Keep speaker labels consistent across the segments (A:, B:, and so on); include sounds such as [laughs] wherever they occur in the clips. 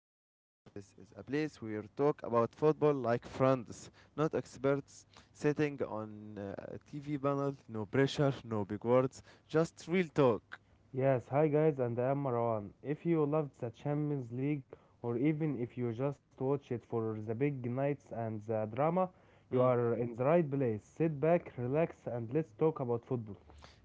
A: Mu'min and this is a place where we talk about football like friends, not experts, sitting on a TV panel, no pressure, no big words, just real talk.
B: Yes, hi guys, and I am Marwan. If you loved the Champions League, or even if you just watch it for the big nights and the drama, you
A: Hmm.
B: are in the right place. Sit back, relax, and let's talk about football.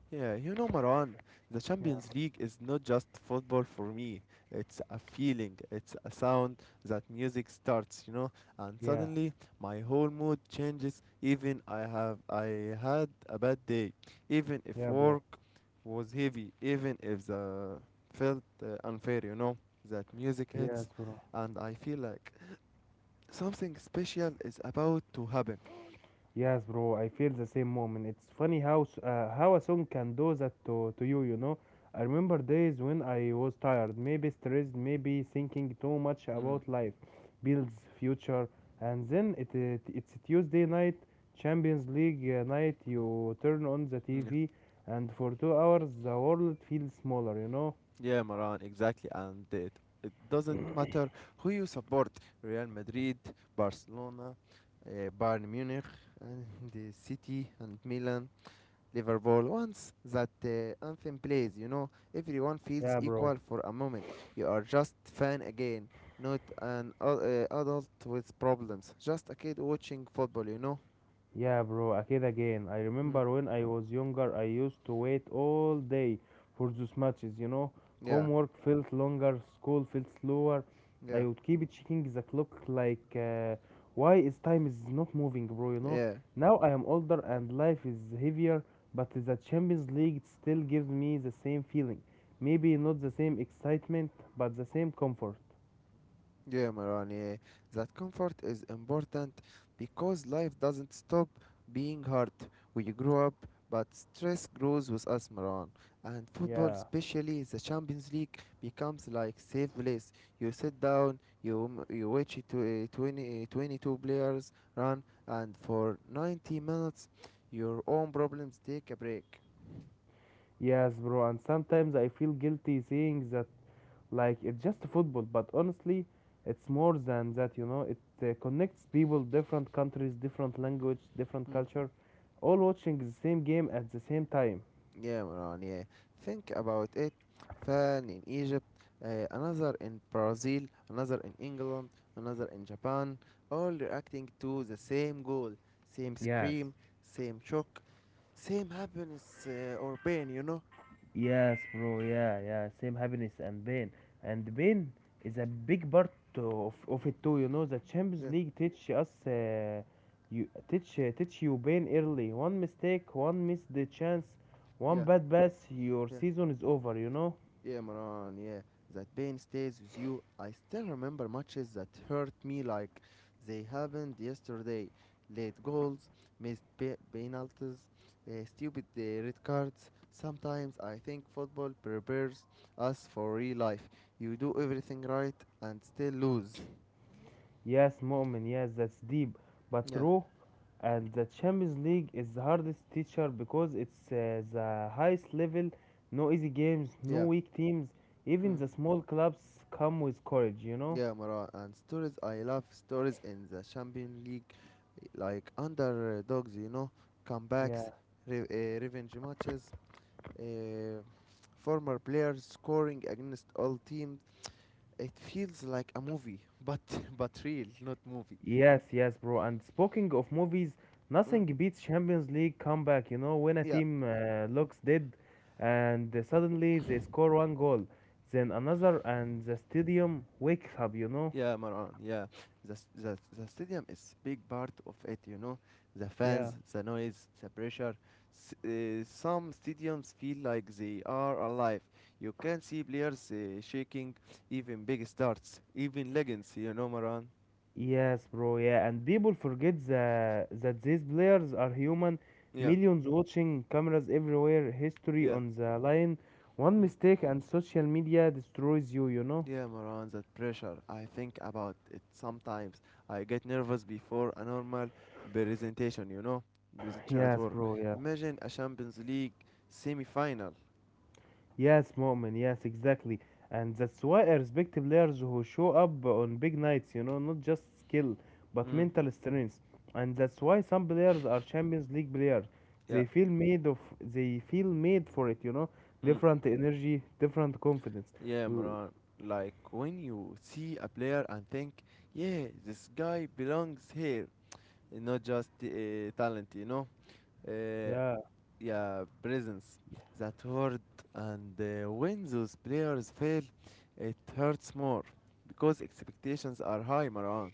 A: Yeah, Maran, the
B: Yeah,
A: Champions League is not just football for me. It's a feeling, it's a sound that music starts, and
B: yeah,
A: suddenly my whole mood changes. Even I had a bad day, even
B: yeah,
A: if
B: bro.
A: work was heavy, even if the felt unfair, that music
B: Yes,
A: hits,
B: bro.
A: and I feel like something special is about to happen.
B: Yes, bro, I feel the same moment. It's funny how a song can do that to you, you know. I remember days when I was tired, maybe stressed, maybe thinking too much
A: Mm.
B: about life, bills, future, and then it's Tuesday night, Champions League night. You turn on the
A: Mm.
B: TV, and for 2 hours the world feels smaller.
A: Yeah, Maran, exactly. And it doesn't matter who you support Real Madrid, Barcelona, uh, Bayern Munich, and the City, and Milan, Liverpool. Once that anthem plays, everyone feels
B: Yeah, bro.
A: equal for a moment. You are just fan again, not an adult with problems, just a kid watching football, you know?
B: Yeah, bro, أكيد again. I
A: Mm.
B: remember when I was younger, I used to wait all day for those matches.
A: Yeah,
B: Homework felt longer, school felt slower. I
A: yeah,
B: would keep checking the clock like, why is time is not moving, bro.
A: yeah.
B: Now I am older and life is heavier, but the Champions League still gives me the same feeling. Maybe not the same excitement, but the same comfort.
A: Yeah, Maran, yeah. That comfort is important because life doesn't stop being hard. We grow up, but stress grows with us, Maran. And football,
B: Yeah.
A: especially the Champions League, becomes like safe place. You sit down, you watch it to 20, 22 players run, and for 90 minutes, your own problems take a break.
B: Yes, bro, and sometimes I feel guilty saying that, like it's just football, but honestly it's more than that. It connects people, different countries, different language, different culture, all watching the same game at the same time.
A: Yeah, Maran, yeah. Think about it. Fan in Egypt, another in Brazil, another in England, another in Japan, all reacting to the same goal, same
B: Yes,
A: scream, same shock, same happiness or pain, you know?
B: yes, bro. Yeah, yeah. Same happiness and pain is a big part of it too. You know, the Champions
A: Yeah,
B: League teach you pain early. One mistake, one missed the chance, one
A: yeah,
B: bad pass, your
A: yeah.
B: season is over.
A: Yeah, Maran, yeah. That pain stays with you. I still remember matches that hurt me like they happened yesterday. Late goals, missed penalties, stupid red cards. Sometimes I think football prepares us for real life. You do everything right and still lose.
B: Yes, Mu'min, yes, that's deep but
A: Yeah,
B: true. And the Champions League is the hardest teacher because it's the highest level, no easy games, no
A: yeah,
B: weak teams. Even
A: mm,
B: the small clubs come with courage, you know?
A: yeah, Maran. And stories, I love stories in the Champions League, like underdogs,
B: Yeah.
A: comebacks, revenge matches uh, former players scoring against all teams. It feels like a movie, but [laughs] but real, not movie.
B: Yes, yes, bro. And speaking of movies,
A: Mm,
B: nothing beats Champions League comeback. You know, when a
A: yeah,
B: team looks dead and suddenly they score one goal, then another, and the stadium wakes up, you know?
A: yeah, Maran. Yeah, the, s- the stadium is big part of it. The
B: Yeah.
A: fans, the noise, the pressure. Some stadiums feel like they are alive. You can see players shaking, even big stars, even legends. You know, Maran.
B: Yes, bro. Yeah, and people forget that these players are human.
A: Yeah,
B: Millions watching, cameras everywhere, history
A: yeah.
B: on the line. One
A: Mm.
B: mistake and social media destroys you, you know?
A: Yeah, Maran, that pressure. I think about it sometimes. I get nervous before a normal presentation, presentation at
B: Yes,
A: work.
B: bro. Yeah.
A: Imagine a Champions League semi-final.
B: Yes, Mu'min, yes, exactly. And that's why I respect players who show up on big nights, not just skill, but
A: Mm,
B: mental strength. And that's why some players are Champions League players.
A: yeah,
B: They feel made of they feel made for it, you know.
A: mm,
B: Different energy, different confidence.
A: yeah,
B: L-
A: Maran. Like when you see a player and think, yeah, this guy belongs here, and not just talent. Uh,
B: Yeah.
A: yeah, presence. That hurt, and when those players fail, it hurts more because expectations are high, Marwan.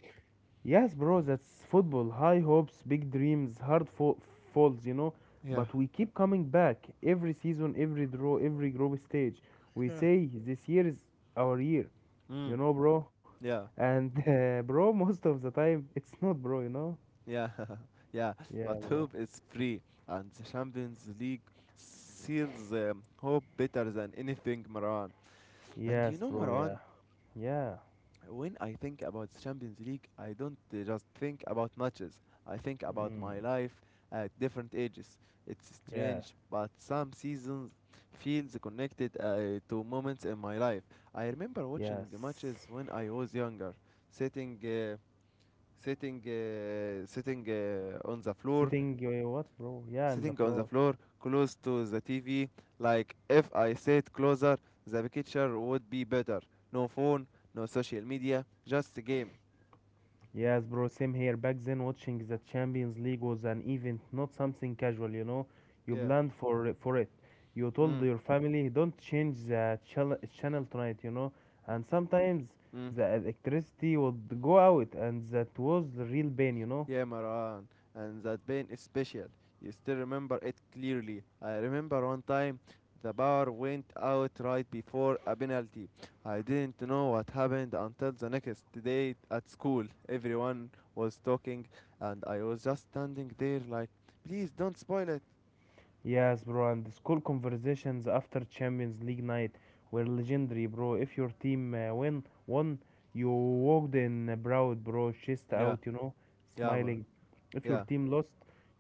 B: Yes, bro, that's football. High hopes, big dreams, hard falls.
A: Yeah.
B: But we keep coming back every season, every draw, every group stage. We
A: Yeah.
B: say this year is our year.
A: Mm,
B: You know, bro.
A: yeah,
B: And [laughs] bro, most of the time it's not, bro. You know?
A: yeah, [laughs] yeah. But
B: Yeah,
A: hope
B: bro.
A: is free, and the Champions League seals hope better than anything, Marwan. And you know,
B: Yes, bro.
A: Marwan,
B: Yeah. Yeah.
A: when I think about Champions League, I don't just think about matches. I think about my
B: Mm.
A: life at different ages. It's
B: Yeah.
A: strange, but some seasons feels connected to moments in my life. I remember watching
B: Yes.
A: matches when I was younger, sitting, sitting, sitting on the floor,
B: Sitting, what, bro? Yeah, on the
A: sitting on the
B: floor.
A: floor close to the TV. Like if I sit closer, the picture would be better. No phone, no social media, just a game.
B: Yes, bro, same here. Back then, watching the Champions League was an event, not something casual, you know. You
A: Yeah.
B: planned for it. You told
A: Mm.
B: your family, don't change the channel tonight, And sometimes
A: Mm.
B: the electricity would go out, and that was the real pain, you know.
A: Yeah, Maran. And that pain is special. You still remember it clearly. I remember one time the power went out right before a penalty. I didn't know what happened until the next day at school. Everyone was talking and I was just standing there like, please don't spoil it.
B: Yes, bro, and the school conversations after Champions League night were legendary, bro. If your team won, you walked in proud, bro, chest out,
A: Yeah. Yeah, Marwan.
B: smiling. If your
A: Yeah.
B: team lost,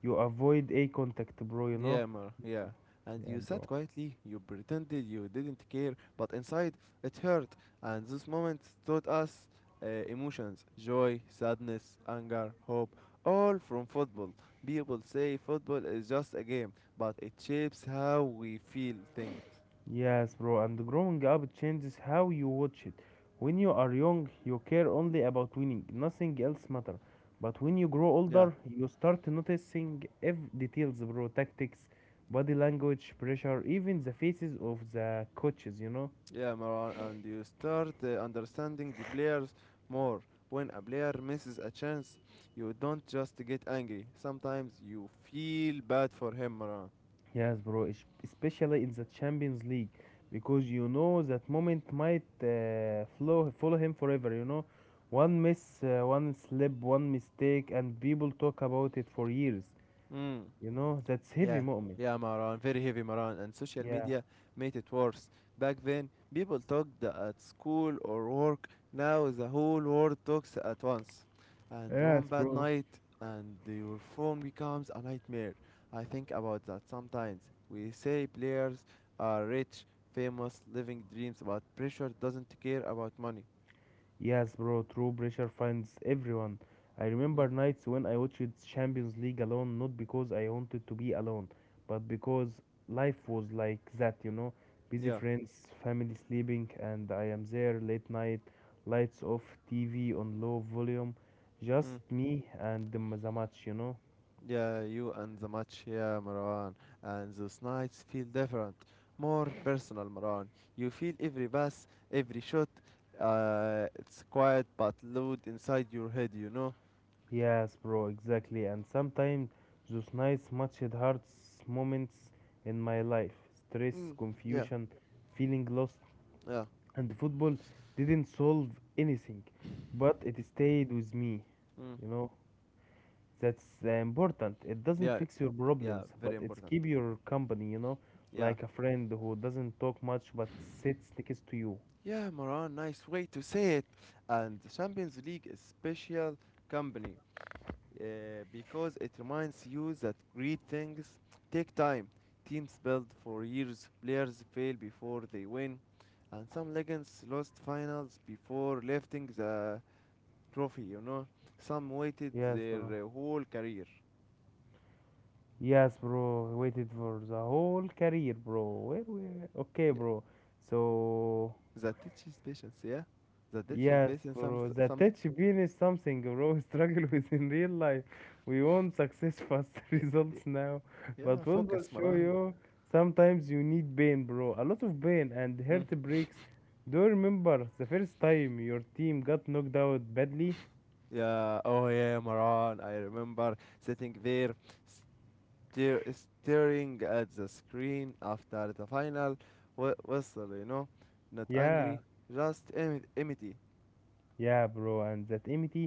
B: you avoid eye contact, bro.
A: Yeah, Mar, yeah. And
B: Yeah,
A: you sat
B: bro.
A: quietly, you pretended you didn't care, but inside it hurt, and this moment taught us emotions joy, sadness, anger, hope all from football. People say football is just a game, but it shapes how we feel things.
B: Yes, bro, and growing up changes how you watch it. When you are young, you care only about winning, nothing else matter. But when you grow
A: Yeah,
B: older, you start noticing every details, bro, tactics, body language, pressure, even the faces of the coaches, you know?
A: yeah, Maran, and you start understanding players more. When a player misses a chance, you don't just get angry. Sometimes you feel bad for him, Maran.
B: Yes, bro, especially in the Champions League, because you know that moment might follow him forever, you know? One miss, one slip, one mistake, and people talk about it for years.
A: Mm.
B: That's heavy,
A: Yeah,
B: Mu'min.
A: yeah, Maran, very heavy, Maran. And social
B: Yeah.
A: media made it worse. Back then, people talked at school or work. Now, the whole world talks at once. And
B: Yes,
A: one bad
B: bro.
A: night, and your phone becomes a nightmare. I think about that sometimes. We say players are rich, famous, living dreams, but pressure doesn't care about money.
B: Yes, bro, true pressure finds everyone. I
A: Mm.
B: remember nights when I watched Champions League alone, not because I wanted to be alone, but because life was like that, you know. Busy
A: Yeah.
B: friends, family sleeping, and I am there late night, lights off, TV on low volume, just
A: Mm.
B: me and the match, you know.
A: Yeah, you and the match here, Marwan. And those nights feel different, more personal, Marwan. You feel every pass, every shot. It's quiet but loud inside your head, you know?
B: Yes, bro, exactly. And sometimes those nights matched hard moments in my life. Stress,
A: Mm, yeah,
B: confusion, feeling lost,
A: yeah.
B: and football didn't solve anything, but it stayed with me.
A: Mm,
B: You know, that's important. It doesn't
A: yeah,
B: fix your
A: yeah,
B: problems,
A: very
B: but it's
A: important.
B: keep your company,
A: Yeah.
B: like a friend who doesn't talk much but sits next to you.
A: Yeah, Marwan, nice way to say it. And the Champions League is special company, because it reminds you that great things take time. Teams build for years, players fail before they win, and some legends lost finals before lifting the trophy. Some waited
B: Yes,
A: their
B: bro.
A: whole career.
B: Yes, bro. I waited for the whole career, bro. Where we? Okay,
A: Yeah.
B: bro. So
A: That teaches patience, yeah? That teaches
B: yes,
A: patience, some,
B: bro. The
A: some,
B: touch bean is something, bro. [laughs] We struggle with in real life. We want success fast [laughs]
A: yeah, yeah,
B: results now,
A: yeah,
B: but we'll
A: focus,
B: show
A: Maran.
B: you. Sometimes you need pain, bro. A lot of pain and
A: Mm.
B: heartbreaks. Do you remember the first time your team got knocked out badly?
A: Yeah, oh yeah, Maran, I remember sitting there staring at the screen after the final whistle, you know? Not
B: Yeah.
A: angry, just empty.
B: Yeah, bro, and that empty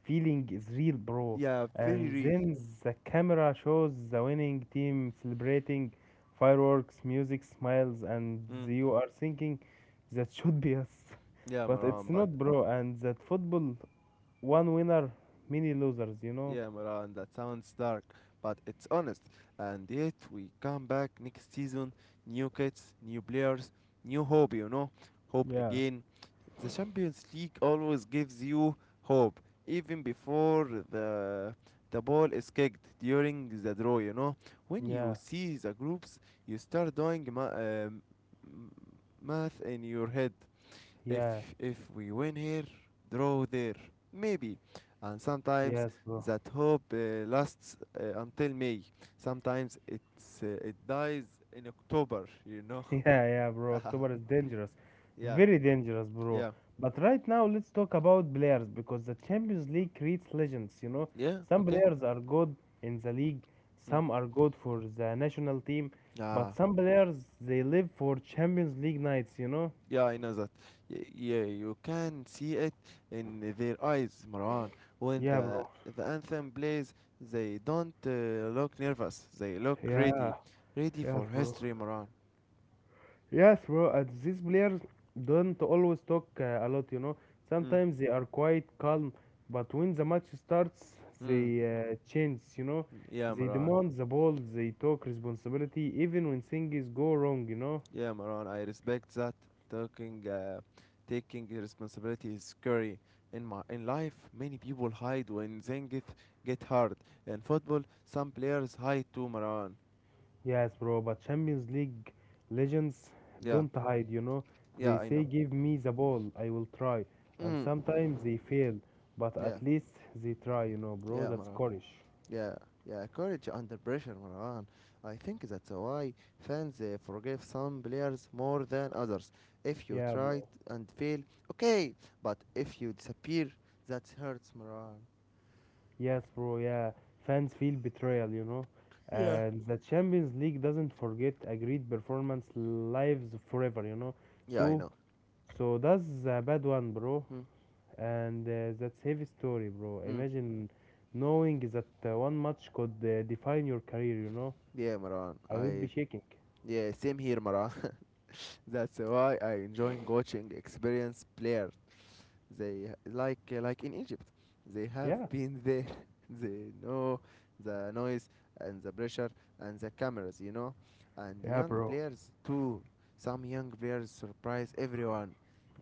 B: feeling is real, bro.
A: Yeah, very
B: And
A: real.
B: then the camera shows the winning team celebrating fireworks, music, smiles, and
A: Mm.
B: you are thinking that should be us. [laughs]
A: Yeah,
B: But
A: Maran.
B: it's
A: But
B: not, bro. And that football, one winner, many losers, you know?
A: Yeah, Maran, that sounds dark, but it's honest. And yet we come back next season, new kids, new players, new hope. Hope
B: Yeah.
A: again. The Champions League always gives you hope, even before the ball is kicked during the draw. When you
B: Yeah,
A: see the groups, you start doing math in your head. If
B: yeah,
A: if we win here, draw there, maybe. And sometimes
B: yes, bro.
A: that hope lasts until May. Sometimes it dies in October. You know.
B: [laughs] Yeah, yeah, bro.
A: [laughs]
B: October is dangerous.
A: yeah.
B: Very dangerous, bro.
A: Yeah.
B: But right now, let's talk about players because the Champions League creates legends, you know.
A: Yeah.
B: Some
A: Okay.
B: players are good in the league,
A: Mm.
B: some are good for the national team, but
A: Ah.
B: some players they live for Champions League nights, you know.
A: Yeah, I know that. Yeah, you can see it in their eyes, Marwan. When
B: Yeah,
A: the
B: bro.
A: anthem plays, they don't look nervous. They look
B: Yeah,
A: ready, ready
B: yeah,
A: for
B: bro.
A: history, Marwan.
B: Yes, bro. These players don't always talk a lot, you know.
A: Mm.
B: Sometimes they are quite calm, but when the match starts, they
A: Mm.
B: change, you know.
A: Yeah,
B: They
A: Maran.
B: demand the ball, they talk responsibility, even when things go wrong, you know.
A: Yeah, Maran. I respect that talking, uh, taking responsibility is scary. In life, many people hide when things get hard. In football, some players hide too, Maran.
B: Yes, bro. But Champions League legends
A: Yeah,
B: don't hide, you know.
A: yeah,
B: They
A: I
B: say,
A: know.
B: "Give me the ball, I will try." And
A: Mm.
B: sometimes they fail, but
A: Yeah,
B: at least they try, bro.
A: yeah,
B: That's
A: Maran.
B: courage.
A: Yeah, yeah. Courage under pressure, Maran. I think that's why fans forgive some players more than others. If you
B: Yeah, bro.
A: try and fail, okay, but if you disappear, that hurts, Maran.
B: Yes, bro. Yeah, fans feel betrayal,
A: Yeah.
B: and the Champions League doesn't forget a great performance lives forever, you know.
A: Yeah, I
B: So,
A: know.
B: so that's a bad one, bro,
A: Mm.
B: and that's heavy story, bro.
A: Mm.
B: Imagine knowing that one match could define your career, you know.
A: Yeah, Maran.
B: I would be
A: I
B: shaking.
A: yeah, same here, Maran. [laughs] That's why I enjoying watching experienced players. They like in Egypt, they have
B: Yeah.
A: been there. [laughs] they know the noise and the pressure and the cameras, and
B: Yeah,
A: young
B: bro.
A: players too. Some young players surprise everyone.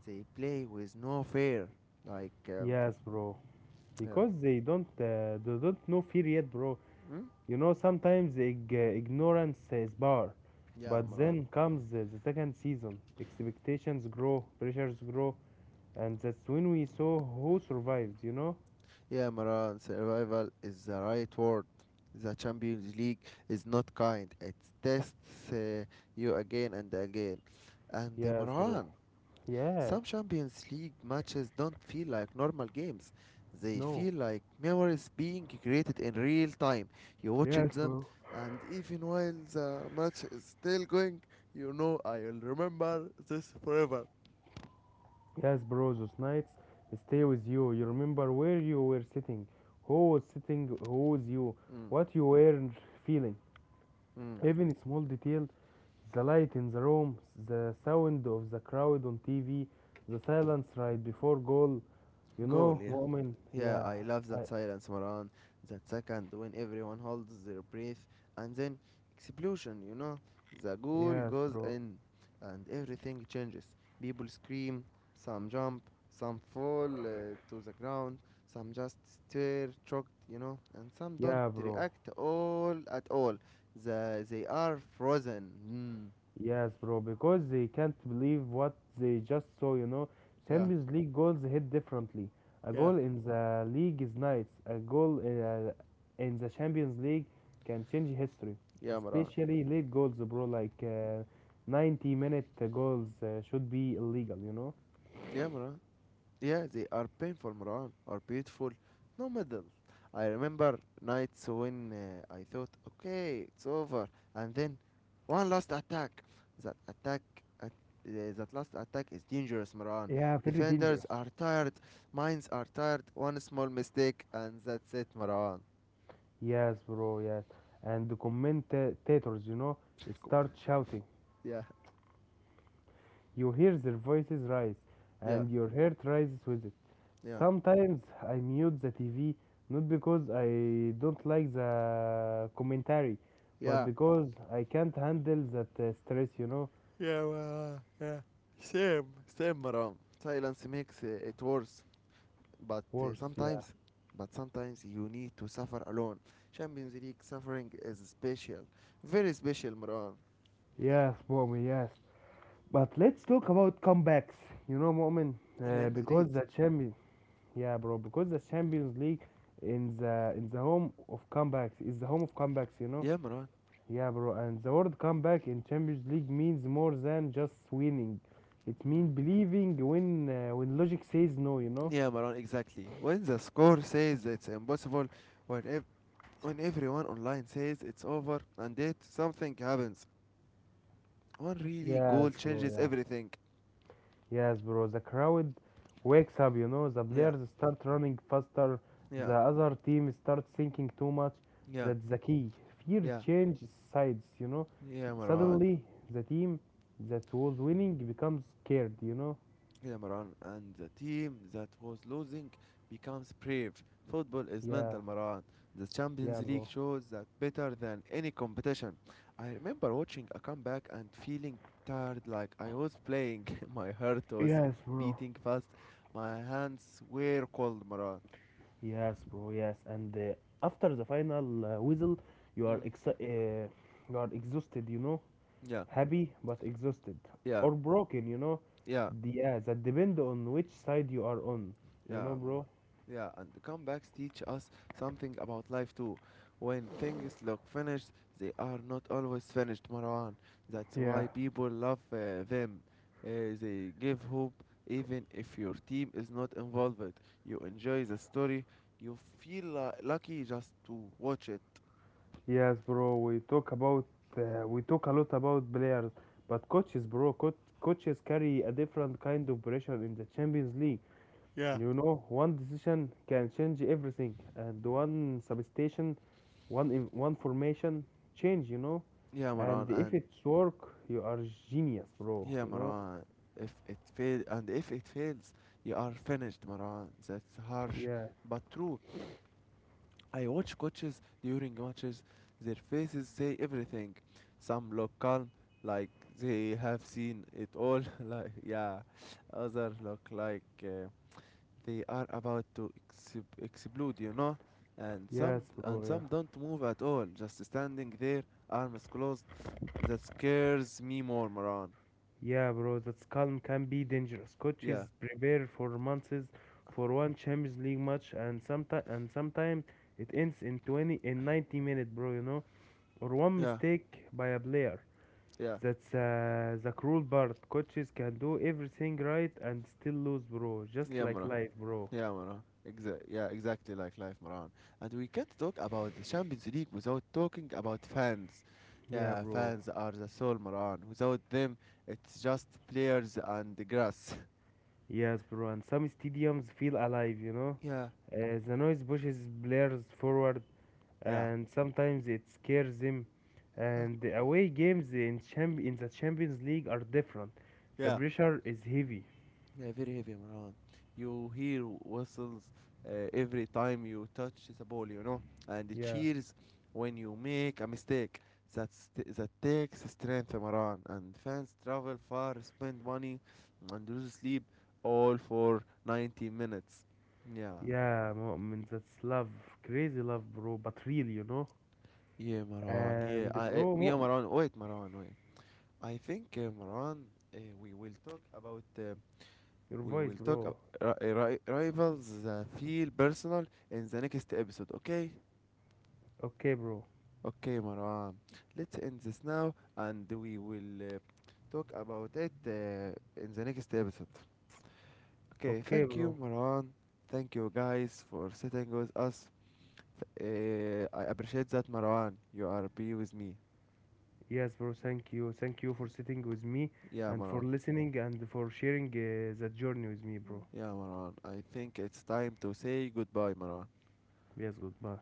A: They play with no fear. Like
B: Yes, bro.
A: yeah,
B: Because they don't know fear yet, bro.
A: mm?
B: Sometimes ignorance is power,
A: Yeah,
B: but
A: Maran.
B: then comes the second season. Expectations grow, pressures grow, and that's when we saw who survived, you know?
A: Yeah, Maran, survival is the right word. The Champions League is not kind. It tests you again and again. And
B: Yes, bro.
A: Maran,
B: Yeah,
A: some Champions League matches don't feel like normal games. They
B: no.
A: feel like memories being created in real time. You watch
B: Yes,
A: them,
B: bro.
A: and even while the match is still going, you know I'll remember this forever.
B: Yes, bro, those nights stay with you. You remember where you were sitting, who was you,
A: Mm,
B: what you were feeling.
A: mm.
B: Even a small detail, the light in the room, the sound of the crowd on TV, the silence right before goal. You
A: Goal,
B: know,
A: yeah.
B: Mu'min,
A: Yeah,
B: yeah.
A: I love
B: I,
A: that silence, Maran. That second when everyone holds their breath, and then explosion, you know? The goal
B: yes,
A: goes
B: bro.
A: in, and everything changes. People scream, some jump, some fall to the ground, some just stare shocked, you know? And some don't
B: Yeah, bro.
A: react all at all. They are frozen. Mm.
B: Yes, bro, because they can't believe what they just saw, you know.
A: Yeah,
B: Champions League goals hit differently. A
A: yeah.
B: goal in the league is nice, a goal in the Champions League can change history,
A: Yeah, Maran.
B: especially late goals, bro, like 90-minute goals should be illegal, you know.
A: Yeah, Maran. Yeah, they are painful, Marwan, or beautiful. No middle. I remember nights when I thought, okay, it's over, and then one last attack. That attack, that last attack is dangerous, Marwan.
B: Yeah, very
A: Defenders
B: dangerous.
A: are tired, minds are tired. One small mistake, and that's it, Marwan.
B: Yes, bro, yes. And the commentators,
A: Com-
B: start shouting.
A: Yeah,
B: You hear their voices rise,
A: yeah,
B: and your heart rises with it.
A: yeah,
B: Sometimes I mute the TV not because I don't like the commentary, but
A: yeah.
B: because I can't handle that stress, you know.
A: Yeah, well, yeah. Same, same, Maram. Silence makes it worse, but uh,
B: Worse, yeah.
A: sometimes but sometimes you need to suffer alone. Champions League suffering is special, very special, Marwan.
B: Yes, Mo'min, yes. But let's talk about comebacks. Mo'min, uh,
A: Real Madrid.
B: because the champion, yeah, bro, because the Champions League, in the home of comebacks, is the home of comebacks.
A: Yeah, Maran.
B: Yeah, bro, and the word comeback in Champions League means more than just winning. It
A: Mm.
B: means believing when logic says no, you know?
A: Yeah, Marwan, exactly, when the score says it's impossible, when when everyone online says it's over, and yet something happens, one really
B: Yes,
A: goal
B: bro,
A: changes
B: yeah.
A: everything.
B: Yes, bro, the crowd wakes up, the
A: Yeah,
B: players start running faster, the
A: yeah,
B: other team starts thinking too much.
A: yeah,
B: That's the key. Fear
A: yeah,
B: changes sides, you know?
A: yeah, Maran.
B: Suddenly, the team that was winning becomes scared, you know?
A: Yeah, Maran, and the team that was losing becomes brave. Football is
B: Yeah,
A: mental, Maran. The
B: yeah,
A: Champions
B: bro.
A: League shows that better than any competition. I remember watching a comeback and feeling tired like I was playing. [laughs] My heart was
B: Yes, bro.
A: beating fast. My hands were cold, Maran.
B: Yes, bro. Yes, and after the final whistle,
A: Mm.
B: you are exhausted. You know,
A: Yeah,
B: happy but exhausted
A: yeah,
B: or broken.
A: yeah.
B: Yeah. That depend on which side you are on. You know,
A: Yeah, Marwa.
B: bro.
A: Yeah, and the comebacks teach us something about life too. When things look finished, they are not always finished, Marwan. That's
B: Yeah.
A: why people love them. They give hope even if your team is not involved. You enjoy the story. You feel lucky just to watch it.
B: Yes, bro. We talk a lot about players, but coaches, bro. Coaches carry a different kind of pressure in the Champions League.
A: Yeah.
B: One decision can change everything, and one substitution, one in, one formation change,
A: Yeah, Maran,
B: and if
A: and
B: it's work you are genius, bro,
A: yeah, Maran. If it fails, you are finished, Maran. That's harsh,
B: yeah.
A: but true. I watch coaches during matches, their faces say everything. Some look calm, like they have seen it all, [laughs] like, yeah. Others look like they are about to explode, you know? And some
B: Yes,
A: and
B: bro. Yeah,
A: some don't move at all, just standing there, arms closed. That scares me more, Moran.
B: yeah, bro, that calm can be dangerous.
A: Yeah,
B: Coaches prepare for months for one Champions League match, and sometimes it ends in 20, in 90 minutes, bro, or one
A: yeah,
B: mistake by a player.
A: yeah,
B: That's the cruel part. Coaches can do everything right and still lose, bro, just
A: yeah,
B: like
A: Moran.
B: life, bro.
A: Yeah, Maran. Exactly like life, Maran. And we can't talk about the Champions League without talking about fans.
B: Yeah,
A: Yeah,
B: bro.
A: fans are the soul, Maran. Without them, it's just players and the grass.
B: Yes, bro, and some stadiums feel alive, you know.
A: [laughs] yeah,
B: The noise pushes players forward,
A: yeah,
B: and sometimes it scares them.
A: yeah,
B: And the away games in the Champions League are different. The
A: yeah.
B: pressure is heavy.
A: Yeah, very heavy, Marwan. You hear whistles every time you touch the ball, and it
B: Yeah,
A: cheers when you make a mistake. That takes strength, Marwan. And fans travel far, spend money, and lose sleep all for 90 minutes. Yeah,
B: yeah, Mu'min, that's love, crazy love, bro, but real, you know.
A: yeah, Marwan. Yeah,
B: And bro,
A: yeah,
B: Mu'min,
A: Marwan. Wait, Marwan. Wait. I think, Marwan, we will talk about
B: your
A: We
B: voice,
A: will talk
B: bro.
A: ab- ri- ri- rivals that feel personal in the next episode, okay?
B: Okay, bro.
A: Okay, Marwan. Let's end this now and we will talk about it in the next episode. Okay,
B: Okay,
A: thank you,
B: bro.
A: Marwan. Thank you guys for sitting with us. I appreciate that, Marwan. You are be with me.
B: Yes, bro. Thank you. Thank you for sitting with me
A: Yeah,
B: and for
A: Marwan.
B: listening and for sharing that journey with me, bro.
A: Yeah, Marwan. I think it's time to say goodbye, Marwan.
B: Yes, goodbye.